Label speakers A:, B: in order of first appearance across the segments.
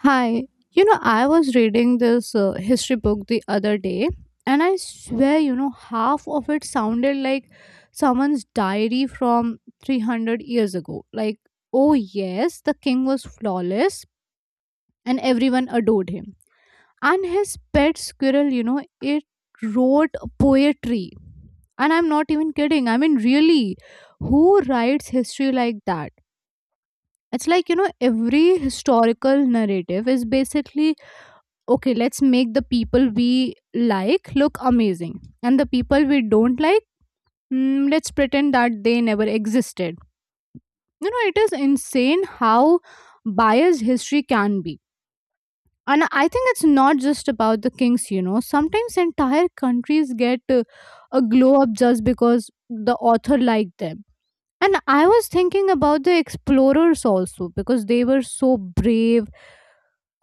A: Hi, I was reading this history book the other day, and I swear, half of it sounded like someone's diary from 300 years ago. Like, oh, yes, the king was flawless and everyone adored him. And his pet squirrel, it wrote poetry. And I'm not even kidding. I mean, really, who writes history like that? It's like, every historical narrative is basically, okay, let's make the people we like look amazing, and the people we don't like, let's pretend that they never existed. You know, it is insane how biased history can be. And I think it's not just about the kings. You know, sometimes entire countries get a glow up just because the author liked them. And I was thinking about the explorers also, because they were so brave.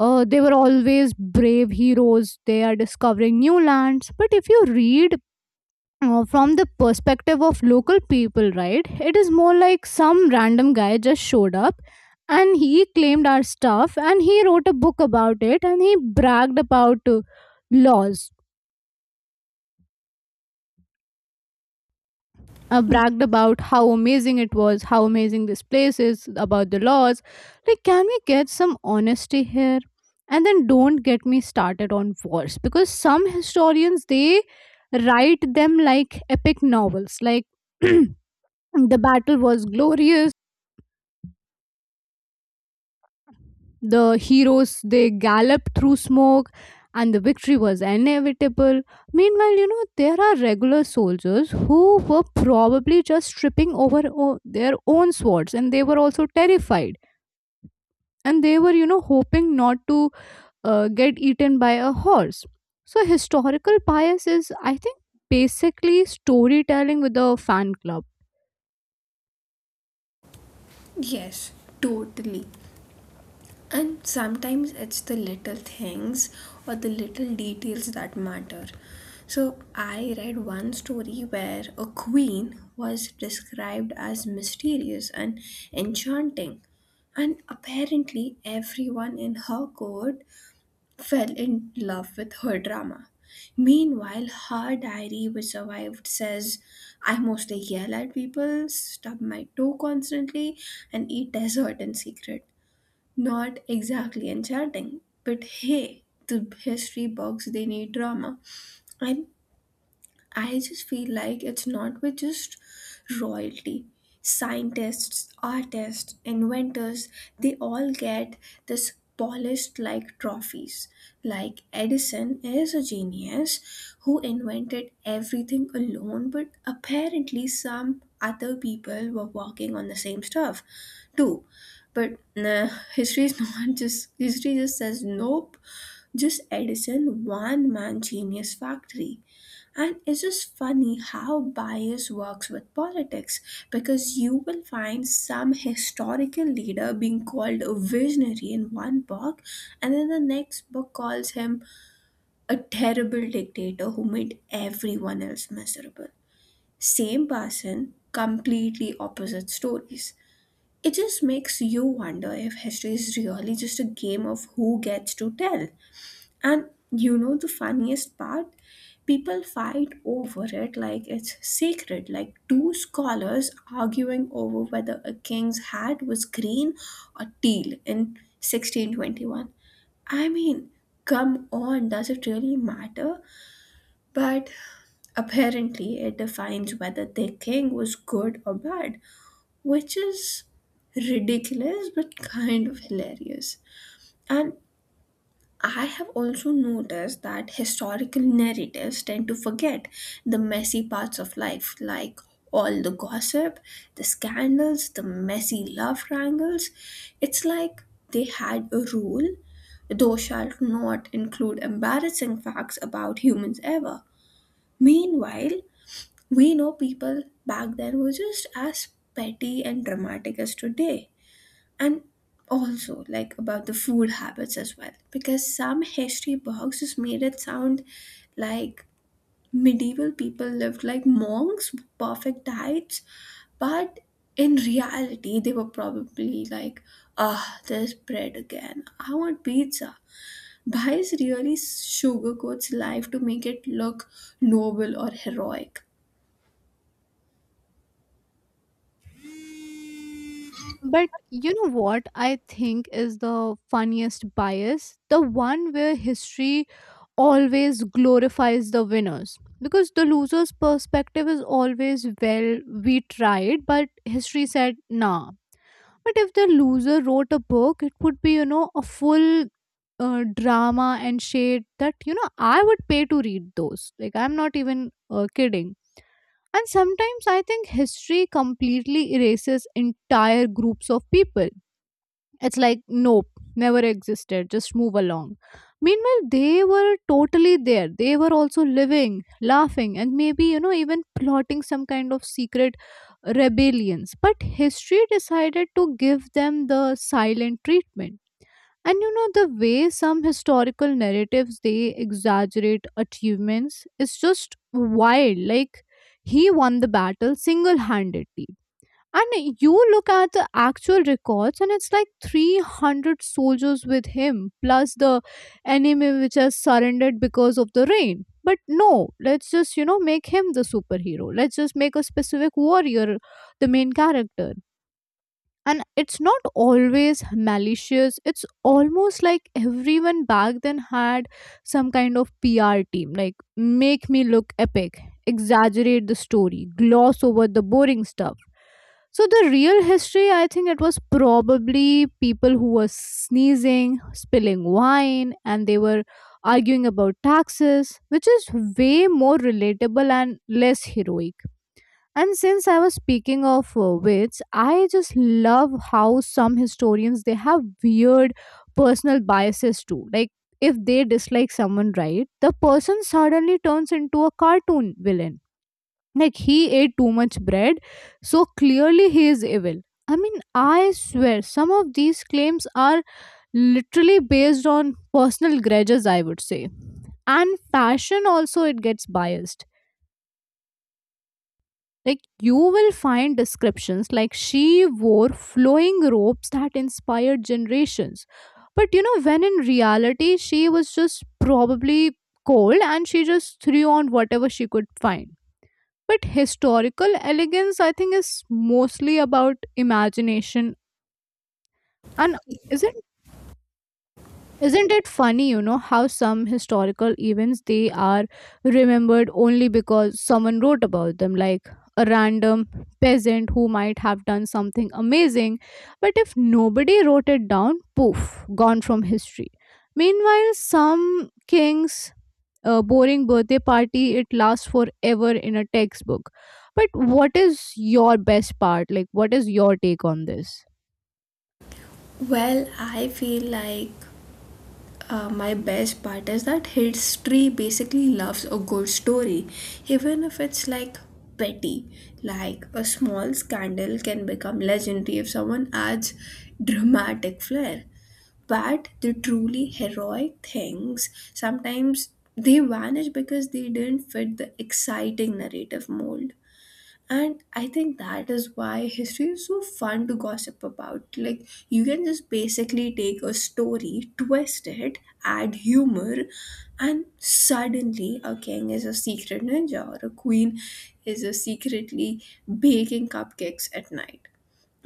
A: They were always brave heroes. They are discovering new lands. But if you read from the perspective of local people, right, it is more like some random guy just showed up, and he claimed our stuff and he wrote a book about it and he bragged about laws. Bragged about how amazing it was, how amazing this place is, about the laws. Like, can we get some honesty here? And then don't get me started on wars, because some historians, they write them like epic novels, like the battle was glorious. The heroes, they galloped through smoke and the victory was inevitable. Meanwhile, there are regular soldiers who were probably just tripping over their own swords, and they were also terrified, and they were, hoping not to get eaten by a horse. So, historical bias is, I think, basically storytelling with a fan club.
B: Yes, totally. And sometimes it's the little things or the little details that matter. So, I read one story where a queen was described as mysterious and enchanting, and apparently, everyone in her court fell in love with her drama. Meanwhile, her diary, which survived, says, I mostly yell at people, stub my toe constantly, and eat dessert in secret. Not exactly enchanting, but hey, the history books, they need drama. And I just feel like it's not with just royalty. Scientists, artists, inventors, they all get this polished like trophies. Like Edison is a genius who invented everything alone, but apparently some other people were working on the same stuff too. But nah, history is not just history just says nope, just Edison one man genius factory. And it's just funny how bias works with politics because you will find some historical leader being called a visionary in one book, and then the next book calls him a terrible dictator who made everyone else miserable. Same person, completely opposite stories. It just makes you wonder if history is really just a game of who gets to tell. And you know the funniest part? People fight over it like it's sacred, like two scholars arguing over whether a king's hat was green or teal in 1621. I mean, come on, does it really matter? But apparently, it defines whether their king was good or bad, which is ridiculous but kind of hilarious. And I have also noticed that historical narratives tend to forget the messy parts of life, like all the gossip, the scandals, the messy love triangles. It's like they had a rule, thou shalt not include embarrassing facts about humans ever. Meanwhile, we know people back then were just as petty and dramatic as today, and also like about the food habits as well, because some history books just made it sound like medieval people lived like monks with perfect diets, but in reality they were probably like, ah, there's bread again, I want pizza. Bias really sugarcoats life to make it look noble or heroic.
A: But you know what I think is the funniest bias? The one where history always glorifies the winners. Because the loser's perspective is always, well, we tried, but history said, nah. But if the loser wrote a book, it would be, a full drama and shade that, I would pay to read those. Like, I'm not even kidding. And sometimes I think history completely erases entire groups of people. It's like, nope, never existed, just move along. Meanwhile, they were totally there. They were also living, laughing, and maybe, even plotting some kind of secret rebellions. But history decided to give them the silent treatment. And the way some historical narratives they exaggerate achievements is just wild. Like, he won the battle single handedly, and you look at the actual records, and it's like 300 soldiers with him, plus the enemy which has surrendered because of the rain. But no, let's just, make him the superhero. Let's just make a specific warrior the main character. And it's not always malicious. It's almost like everyone back then had some kind of PR team, like, make me look epic, exaggerate the story, gloss over the boring stuff. So the real history, I think, it was probably people who were sneezing, spilling wine, and they were arguing about taxes, which is way more relatable and less heroic. And since I was speaking of wits, I just love how some historians, they have weird personal biases too. Like, if they dislike someone, right, the person suddenly turns into a cartoon villain. Like, he ate too much bread, so clearly he is evil. I mean, I swear some of these claims are literally based on personal grudges, I would say. And fashion also, it gets biased. Like, you will find descriptions like, she wore flowing robes that inspired generations. But when in reality, she was just probably cold and she just threw on whatever she could find. But historical elegance, I think, is mostly about imagination. And isn't Isn't it funny, how some historical events they are remembered only because someone wrote about them, like a random peasant who might have done something amazing, but if nobody wrote it down, poof, gone from history. Meanwhile, some king's boring birthday party, it lasts forever in a textbook. But what is your best part? Like, what is your take on this?
B: Well, I feel like my best part is that history basically loves a good story, even if it's like petty. Like a small scandal can become legendary if someone adds dramatic flair. But the truly heroic things sometimes they vanish because they didn't fit the exciting narrative mold. And I think that is why history is so fun to gossip about. Like, you can just basically take a story, twist it, add humor, and suddenly a king is a secret ninja or a queen is a secretly baking cupcakes at night.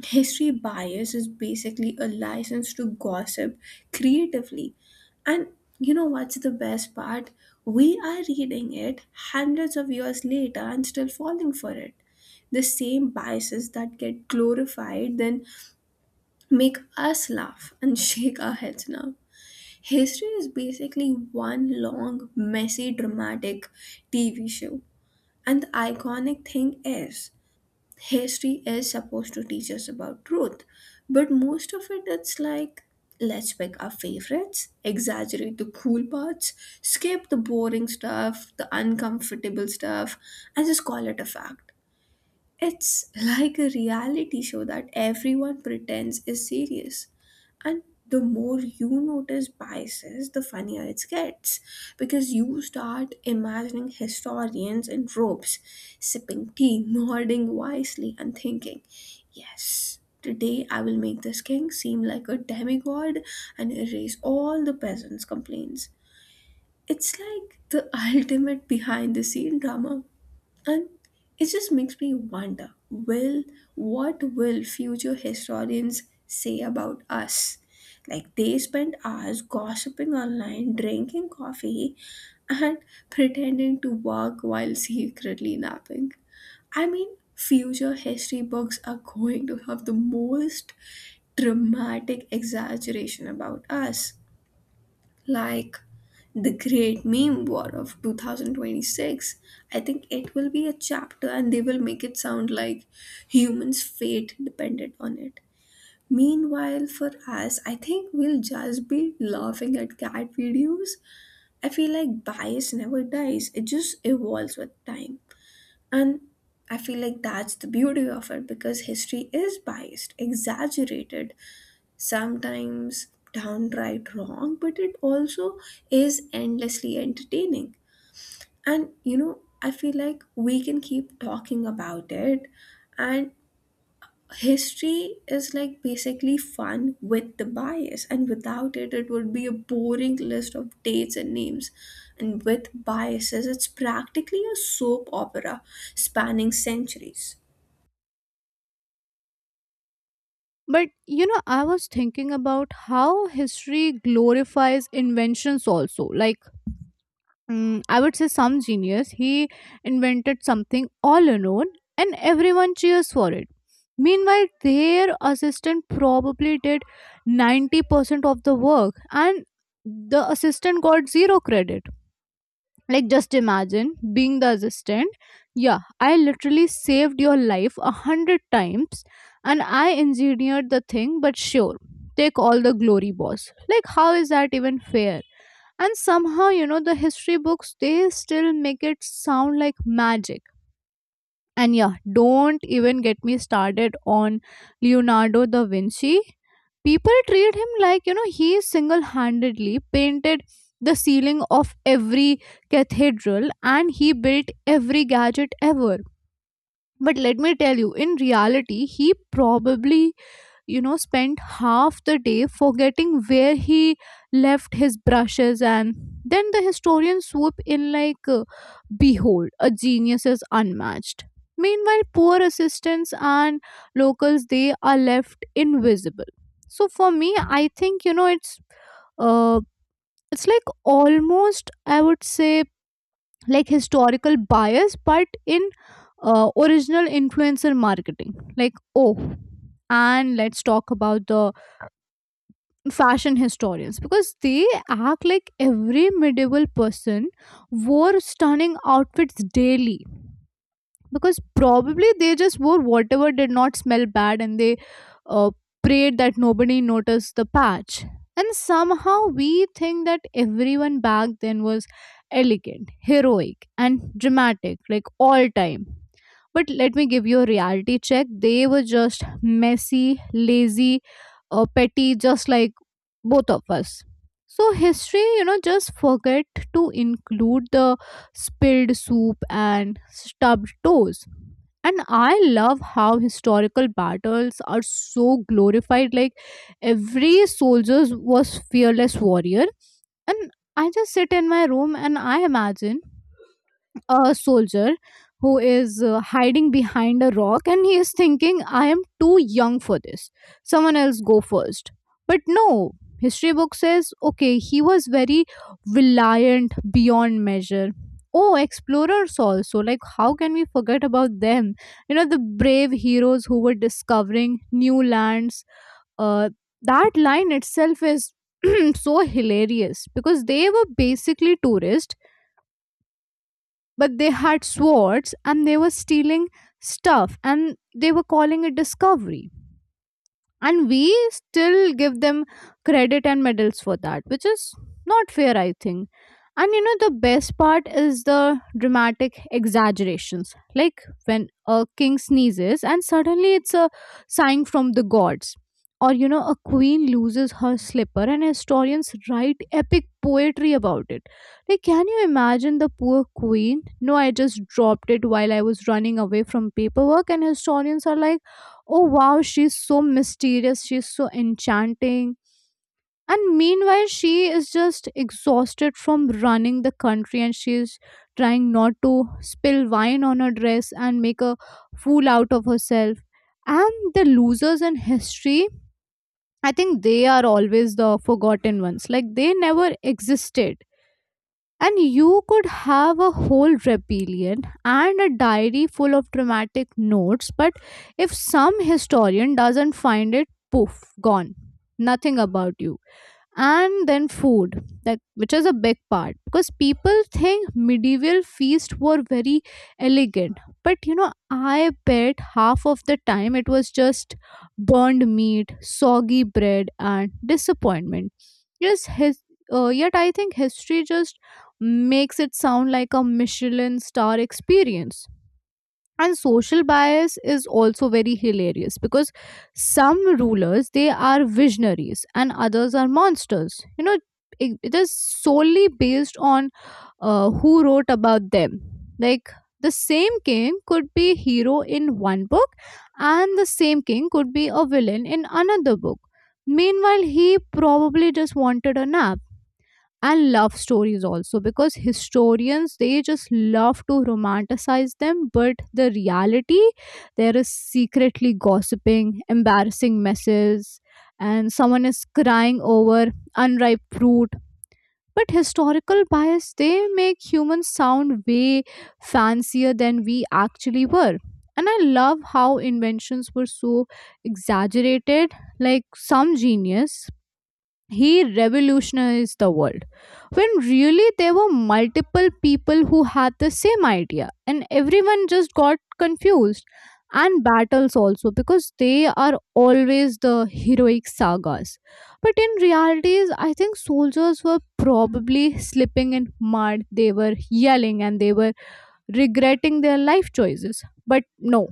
B: History bias is basically a license to gossip creatively. And you know what's the best part? We are reading it hundreds of years later and still falling for it. The same biases that get glorified then make us laugh and shake our heads now. History is basically one long, messy, dramatic TV show. And the iconic thing is, history is supposed to teach us about truth, but most of it it's like, let's pick our favorites, exaggerate the cool parts, skip the boring stuff, the uncomfortable stuff, and just call it a fact. It's like a reality show that everyone pretends is serious. And the more you notice biases, the funnier it gets. Because you start imagining historians in robes, sipping tea, nodding wisely, and thinking, yes, today I will make this king seem like a demigod and erase all the peasants' complaints. It's like the ultimate behind the scene drama. And it just makes me wonder will what will future historians say about us? Like they spent hours gossiping online, drinking coffee, and pretending to work while secretly napping. I mean, future history books are going to have the most dramatic exaggeration about us, like the great meme war of 2026. I think it will be a chapter and they will make it sound like humans fate depended on it. Meanwhile, for us, I think we'll just be laughing at cat videos. I feel like bias never dies, it just evolves with time. And I feel like that's the beauty of it, because history is biased, exaggerated, sometimes downright wrong, but it also is endlessly entertaining. And you know, I feel like we can keep talking about it. And history is like basically fun with the bias, and without it, it would be a boring list of dates and names. And with biases, it's practically a soap opera spanning centuries.
A: But I was thinking about how history glorifies inventions also. Like, I would say some genius, he invented something all alone and everyone cheers for it. Meanwhile, their assistant probably did 90% of the work, and the assistant got zero credit. Like, just imagine being the assistant. Yeah, I literally saved your life a hundred times and I engineered the thing, but sure, take all the glory, boss. Like, how is that even fair? And somehow, the history books, they still make it sound like magic. And yeah, don't even get me started on Leonardo da Vinci. People treat him like, he single handedly painted the ceiling of every cathedral and he built every gadget ever. But let me tell you, in reality, he probably, spent half the day forgetting where he left his brushes, and then the historians swoop in like, behold, a genius is unmatched. Meanwhile, poor assistants and locals, they are left invisible. So for me, I think, uh, it's like, almost, I would say, like historical bias, but in, original influencer marketing, like, oh. And let's talk about the fashion historians, because they act like every medieval person wore stunning outfits daily. Because probably they just wore whatever did not smell bad, and they uh, prayed that nobody noticed the patch. And somehow we think that everyone back then was elegant, heroic and dramatic, like, all time. But let me give you a reality check, they were just messy, lazy, petty, just like both of us. So history, just forget to include the spilled soup and stubbed toes. And I love how historical battles are so glorified. Like, every soldier was fearless warrior. And I just sit in my room and I imagine a soldier who is, hiding behind a rock, and he is thinking, I am too young for this, someone else go first. But no, history book says, okay, he was very reliant beyond measure. Oh, explorers also, like, how can we forget about them, the brave heroes who were discovering new lands. uh, that line itself is so hilarious, because they were basically tourists, but they had swords and they were stealing stuff and they were calling it discovery. And we still give them credit and medals for that, which is not fair, I think. And the best part is the dramatic exaggerations, like when a king sneezes and suddenly it's a sign from the gods. Or a queen loses her slipper, and historians write epic poetry about it. Like, can you imagine the poor queen? No, I just dropped it while I was running away from paperwork. And historians are like, oh, wow, she's so mysterious, she's so enchanting. And meanwhile she is just exhausted from running the country and she's trying not to spill wine on her dress and make a fool out of herself. And the losers in history, I think, they are always the forgotten ones, like they never existed. And you could have a whole rebellion and a diary full of dramatic notes, but if some historian doesn't find it, poof, gone. Nothing about you. And then food, like, which is a big part, because people think medieval feasts were very elegant. But I bet half of the time it was just burned meat, soggy bread and disappointment. Yes, his yet I think history just makes it sound like a Michelin star experience. And social bias is also very hilarious, because some rulers, they are visionaries and others are monsters, it is solely based on who wrote about them. Like, the same king could be hero in one book, and the same king could be a villain in another book. Meanwhile, he probably just wanted a nap. And love stories also, because historians, they just love to romanticize them, but the reality there is secretly gossiping, embarrassing messes, and someone is crying over unripe fruit. But historical bias, they make humans sound way fancier than we actually were. And I love how inventions were so exaggerated, like some genius, he revolutionized the world, when really there were multiple people who had the same idea and everyone just got confused. And battles also, because they are always the heroic sagas, but in realities, I think soldiers were probably slipping in mud, they were yelling and they were regretting their life choices. But no,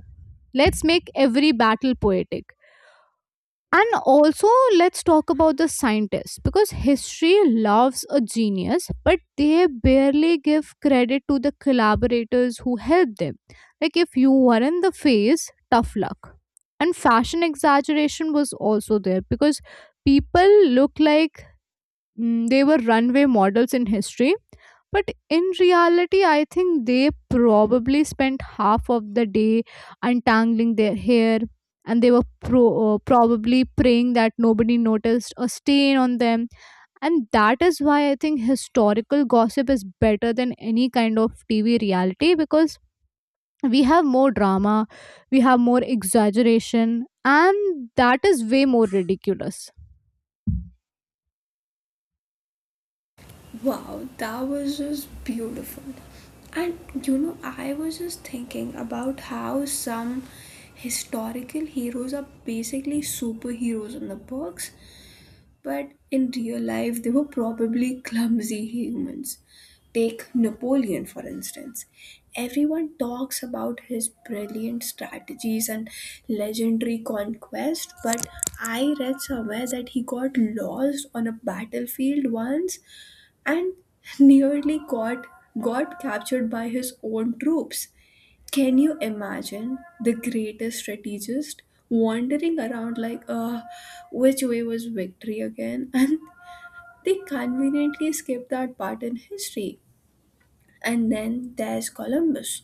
A: let's make every battle poetic. And also, let's talk about the scientists, because history loves a genius, but they barely give credit to the collaborators who helped them. Like, if you were in the phase, tough luck. And fashion exaggeration was also there because people look like they were runway models in history, but in reality I think they probably spent half of the day untangling their hair, and they were probably praying that nobody noticed a stain on them. And that is why I think historical gossip is better than any kind of TV reality, because we have more drama, we have more exaggeration, and that is way more ridiculous.
B: Wow, that was just beautiful. And you know, I was just thinking about how some historical heroes are basically superheroes in the books, but in real life, they were probably clumsy humans. Take Napoleon, for instance. Everyone talks about his brilliant strategies and legendary conquest, but I read somewhere that he got lost on a battlefield once and nearly got captured by his own troops. Can you imagine the greatest strategist wandering around like, which way was victory again? And they conveniently skip that part in history. And then there's Columbus.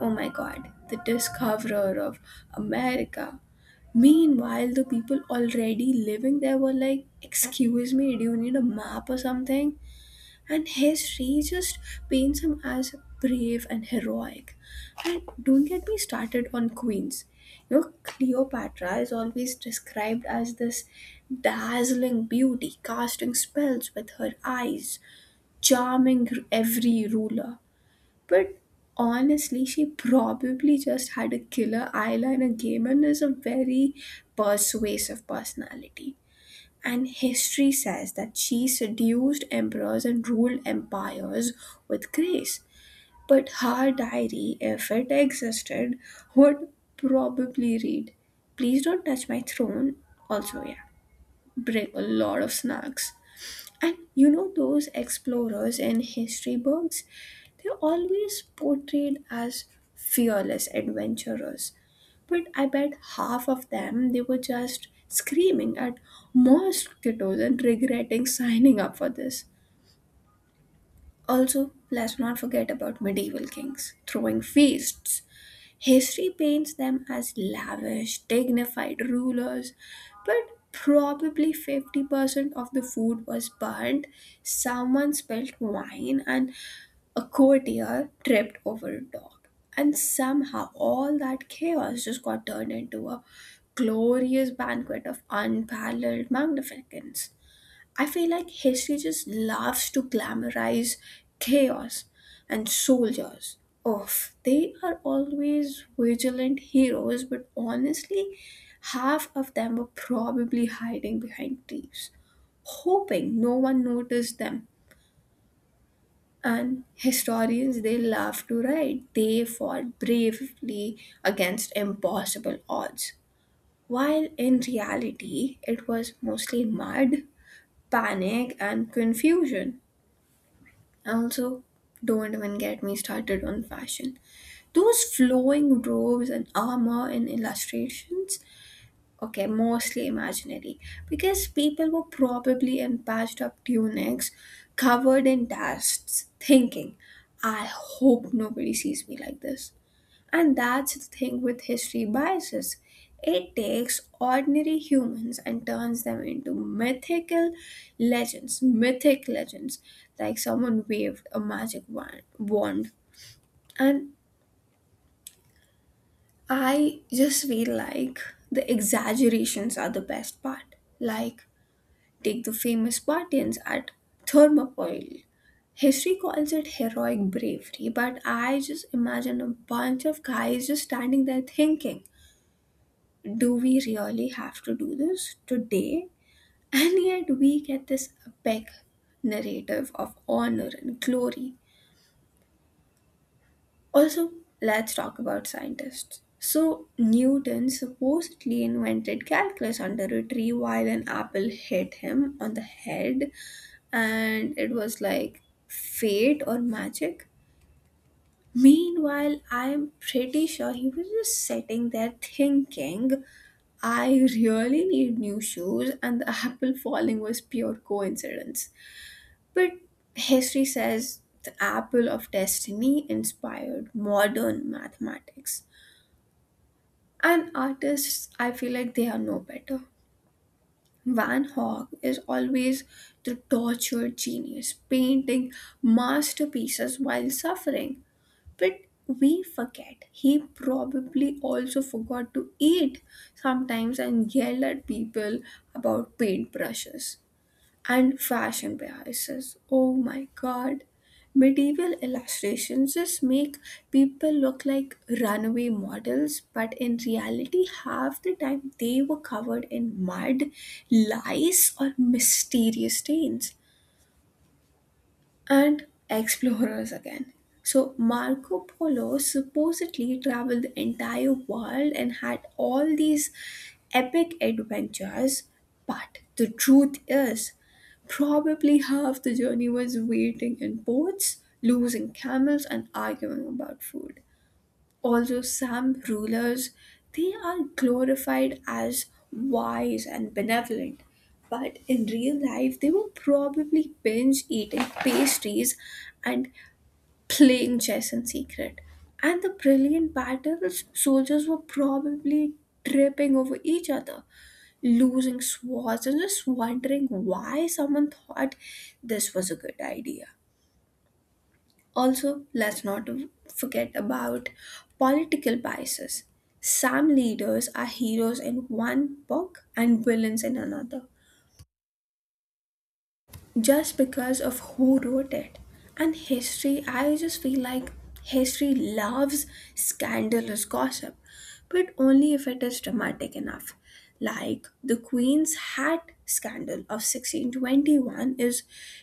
B: Oh my god, the discoverer of America. Meanwhile, the people already living there were like, excuse me, do you need a map or something? And history just paints him as brave and heroic. And don't get me started on queens. You know, Cleopatra is always described as this dazzling beauty, casting spells with her eyes, charming every ruler. But honestly, she probably just had a killer eyeliner game and is a very persuasive personality, and history says that she seduced emperors and ruled empires with grace. But her diary, if it existed, would probably read, please don't touch my throne. Also, yeah, bring a lot of snacks. And you know those explorers in history books? They're always portrayed as fearless adventurers. But I bet half of them they were just screaming at mosquitoes and regretting signing up for this. Also, let's not forget about medieval kings throwing feasts. History paints them as lavish, dignified rulers, but probably 50% of the food was burnt, someone spilled wine, and a courtier tripped over a dog. And somehow all that chaos just got turned into a glorious banquet of unparalleled magnificence. I feel like history just loves to glamorize chaos. And soldiers. Oh, they are always vigilant heroes, but honestly, half of them were probably hiding behind trees, hoping no one noticed them, and historians they love to write, they fought bravely against impossible odds. While in reality, it was mostly mud, panic, and confusion. Also, don't even get me started on fashion. Those flowing robes and armor in illustrations, okay, mostly imaginary. Because people were probably in patched up tunics, covered in dust, thinking, I hope nobody sees me like this. And that's the thing with history biases. It takes ordinary humans and turns them into mythical legends, mythic legends, like someone waved a magic wand. And I just feel like the exaggerations are the best part. Like, take the famous Spartans at Thermopylae. History calls it heroic bravery, but I just imagine a bunch of guys just standing there thinking, do we really have to do this today? And yet we get this epic narrative of honor and glory. Also, let's talk about scientists. So, Newton supposedly invented calculus under a tree while an apple hit him on the head and it was like fate or magic. Meanwhile, I'm pretty sure he was just sitting there thinking, I really need new shoes, and the apple falling was pure coincidence. But history says the apple of destiny inspired modern mathematics. And artists, I feel like they are no better. Van Gogh is always the tortured genius, painting masterpieces while suffering. But we forget he probably also forgot to eat sometimes and yell at people about paintbrushes. And fashion biases. Oh my god. Medieval illustrations just make people look like runaway models, but in reality, half the time they were covered in mud, lice, or mysterious stains. And explorers again. So Marco Polo supposedly traveled the entire world and had all these epic adventures, but the truth is, probably half the journey was waiting in ports, losing camels, and arguing about food. Also, some rulers they are glorified as wise and benevolent, but in real life they were probably binge eating pastries and playing chess in secret. And the brilliant battles, soldiers were probably tripping over each other, losing swords, and just wondering why someone thought this was a good idea. Also, let's not forget about political biases. Some leaders are heroes in one book and villains in another just because of who wrote it. And history, I just feel like history loves scandalous gossip, but only if it is dramatic enough. Like the Queen's Hat scandal of 1621 is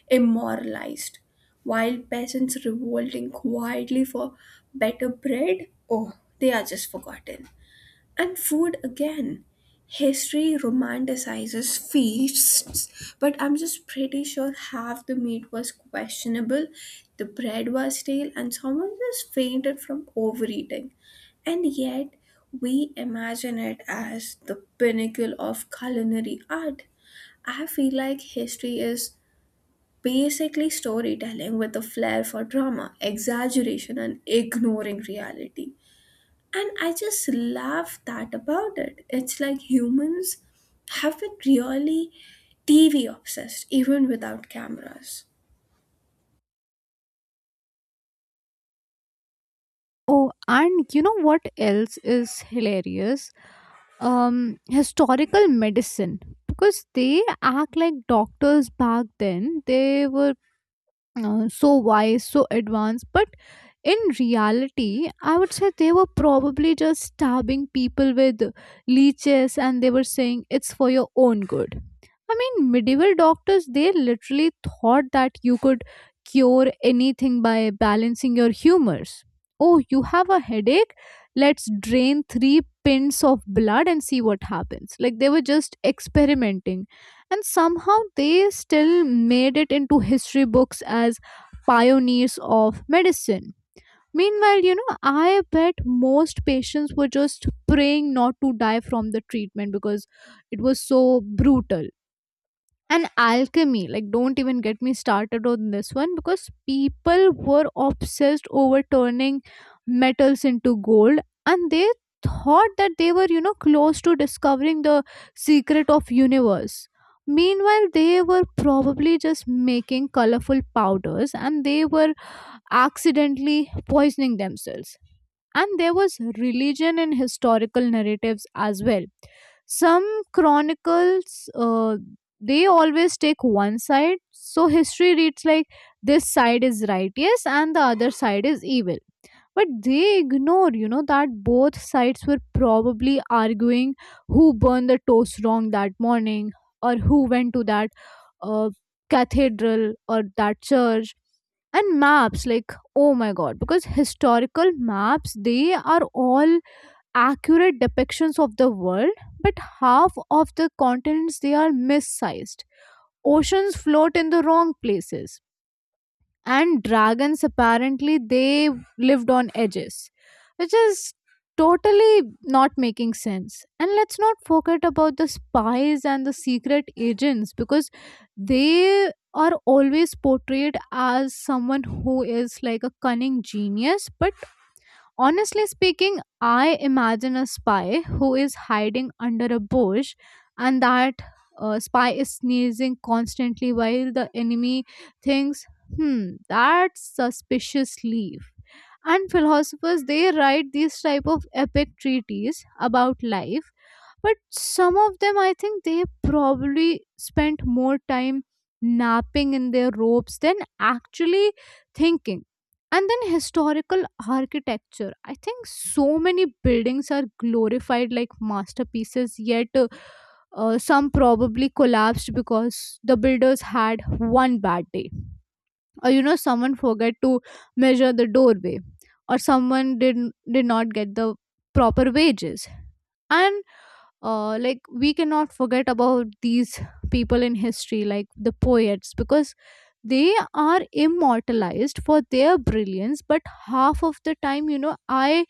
B: immoralized, while peasants revolting quietly for better bread, oh, they are just forgotten. And food again. History romanticizes feasts, but I'm just pretty sure half the meat was questionable, the bread was stale, and someone just fainted from overeating. And yet, we imagine it as the pinnacle of culinary art. I feel like history is basically storytelling with a flair for drama, exaggeration, and ignoring reality. And I just love that about it. It's like humans have been really TV obsessed, even without cameras.
A: Oh, and what else is hilarious? Historical medicine. Because they act like doctors back then. They were so wise, so advanced, but in reality I would say they were probably just stabbing people with leeches, and they were saying, it's for your own good. I mean, medieval doctors, they literally thought that you could cure anything by balancing your humors. Oh, you have a headache, let's drain three pints of blood and see what happens. Like, they were just experimenting, and somehow they still made it into history books as pioneers of medicine. Meanwhile, I bet most patients were just praying not to die from the treatment because it was so brutal. And alchemy, like, don't even get me started on this one, because people were obsessed over turning metals into gold, and they thought that they were, close to discovering the secret of universe. Meanwhile, they were probably just making colorful powders, and they were accidentally poisoning themselves. And there was religion in historical narratives as well. Some chronicles, they always take one side, so history reads like this side is righteous and the other side is evil, but they ignore, that both sides were probably arguing who burned the toast wrong that morning, or who went to that uh, cathedral or that church. And maps, like, oh my god, because historical maps, they are all accurate depictions of the world, but half of the continents they are missized, oceans float in the wrong places, and dragons apparently they lived on edges, which is totally not making sense. And let's not forget about the spies and the secret agents, because they are always portrayed as someone who is like a cunning genius, but honestly speaking, I imagine a spy who is hiding under a bush, and that spy is sneezing constantly while the enemy thinks, hmm, that's suspicious leaf. And philosophers, they write these type of epic treatises about life, but some of them I think they probably spent more time napping in their robes than actually thinking. And then historical architecture, I think so many buildings are glorified like masterpieces, yet some probably collapsed because the builders had one bad day, or someone forget to measure the doorway, or someone did not get the proper wages. And like, we cannot forget about these people in history like the poets, because they are immortalized for their brilliance, but half of the time, you know I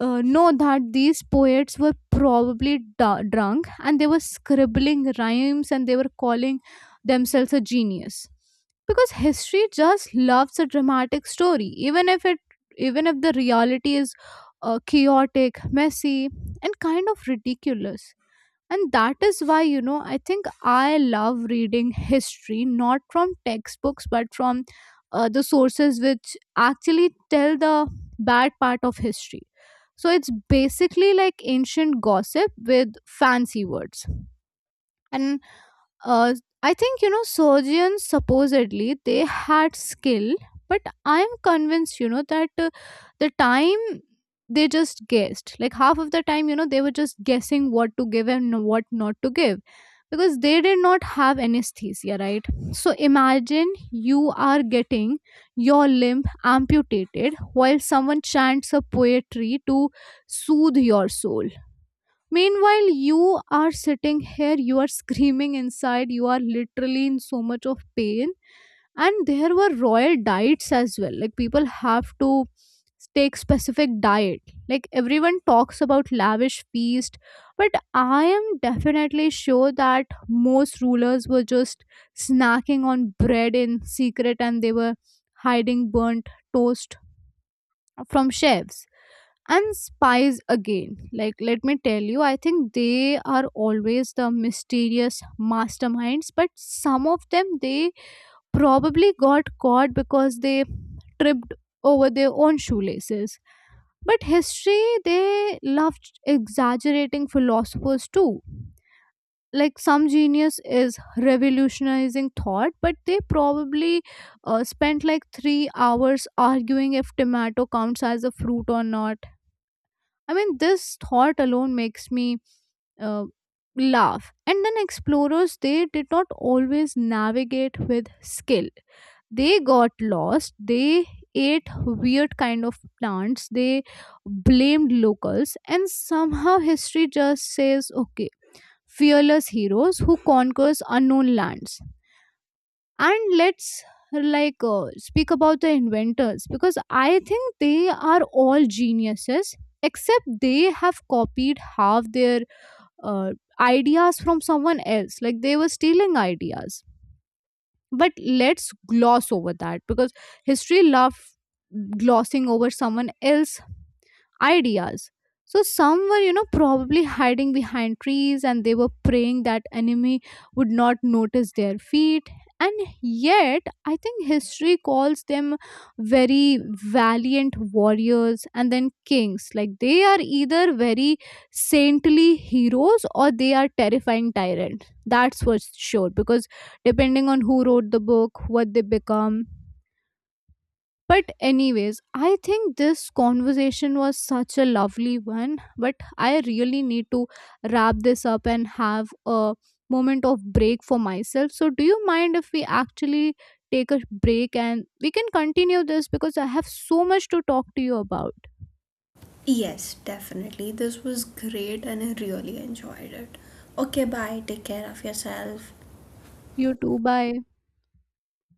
A: know that these poets were probably drunk, and they were scribbling rhymes, and they were calling themselves a genius, because history just loves a dramatic story, even if the reality is chaotic, messy, and kind of ridiculous. And that is why, I think, I love reading history not from textbooks, but from the sources which actually tell the bad part of history. So it's basically like ancient gossip with fancy words. And uh, I think, surgeons supposedly they had skill, but I am convinced, that the time they just guessed, like half of the time, they were just guessing what to give and what not to give, because they did not have anesthesia, right? So imagine you are getting your limb amputated while someone chants a poetry to soothe your soul. Meanwhile, you are sitting here, you are screaming inside, you are literally in so much of pain. And there were royal diets as well. Like, people have to take specific diet. Like, everyone talks about lavish feast, but I am definitely sure that most rulers were just snacking on bread in secret, and they were hiding burnt toast from chefs. And spies again, like, let me tell you, I think they are always the mysterious masterminds, but some of them they probably got caught because they tripped over their own shoelaces. But history, they loved exaggerating philosophers too. Like, some genius is revolutionizing thought, but they probably spent like 3 hours arguing if tomato counts as a fruit or not. I mean, this thought alone makes me uh, laugh. And then explorers, they did not always navigate with skill. They got lost. They ate weird kind of plants. They blamed locals, and somehow history just says, okay, fearless heroes who conquers unknown lands. And let's, speak about the inventors, because I think they are all geniuses, except they have copied half their uh, ideas from someone else. Like, they were stealing ideas, but let's gloss over that, because history love glossing over someone else ideas. So some were, probably hiding behind trees, and they were praying that enemy would not notice their feet. And yet, I think history calls them very valiant warriors. And then kings. Like, they are either very saintly heroes, or they are terrifying tyrants. That's for sure. Because depending on who wrote the book, what they become. But anyways, I think this conversation was such a lovely one. But I really need to wrap this up and have a moment of break for myself. So, do you mind if we actually take a break, and we can continue this, because I have so much to talk to you about?
B: Yes, definitely. This was great and I really enjoyed it. Okay, bye. Take care of yourself.
A: You too. Bye.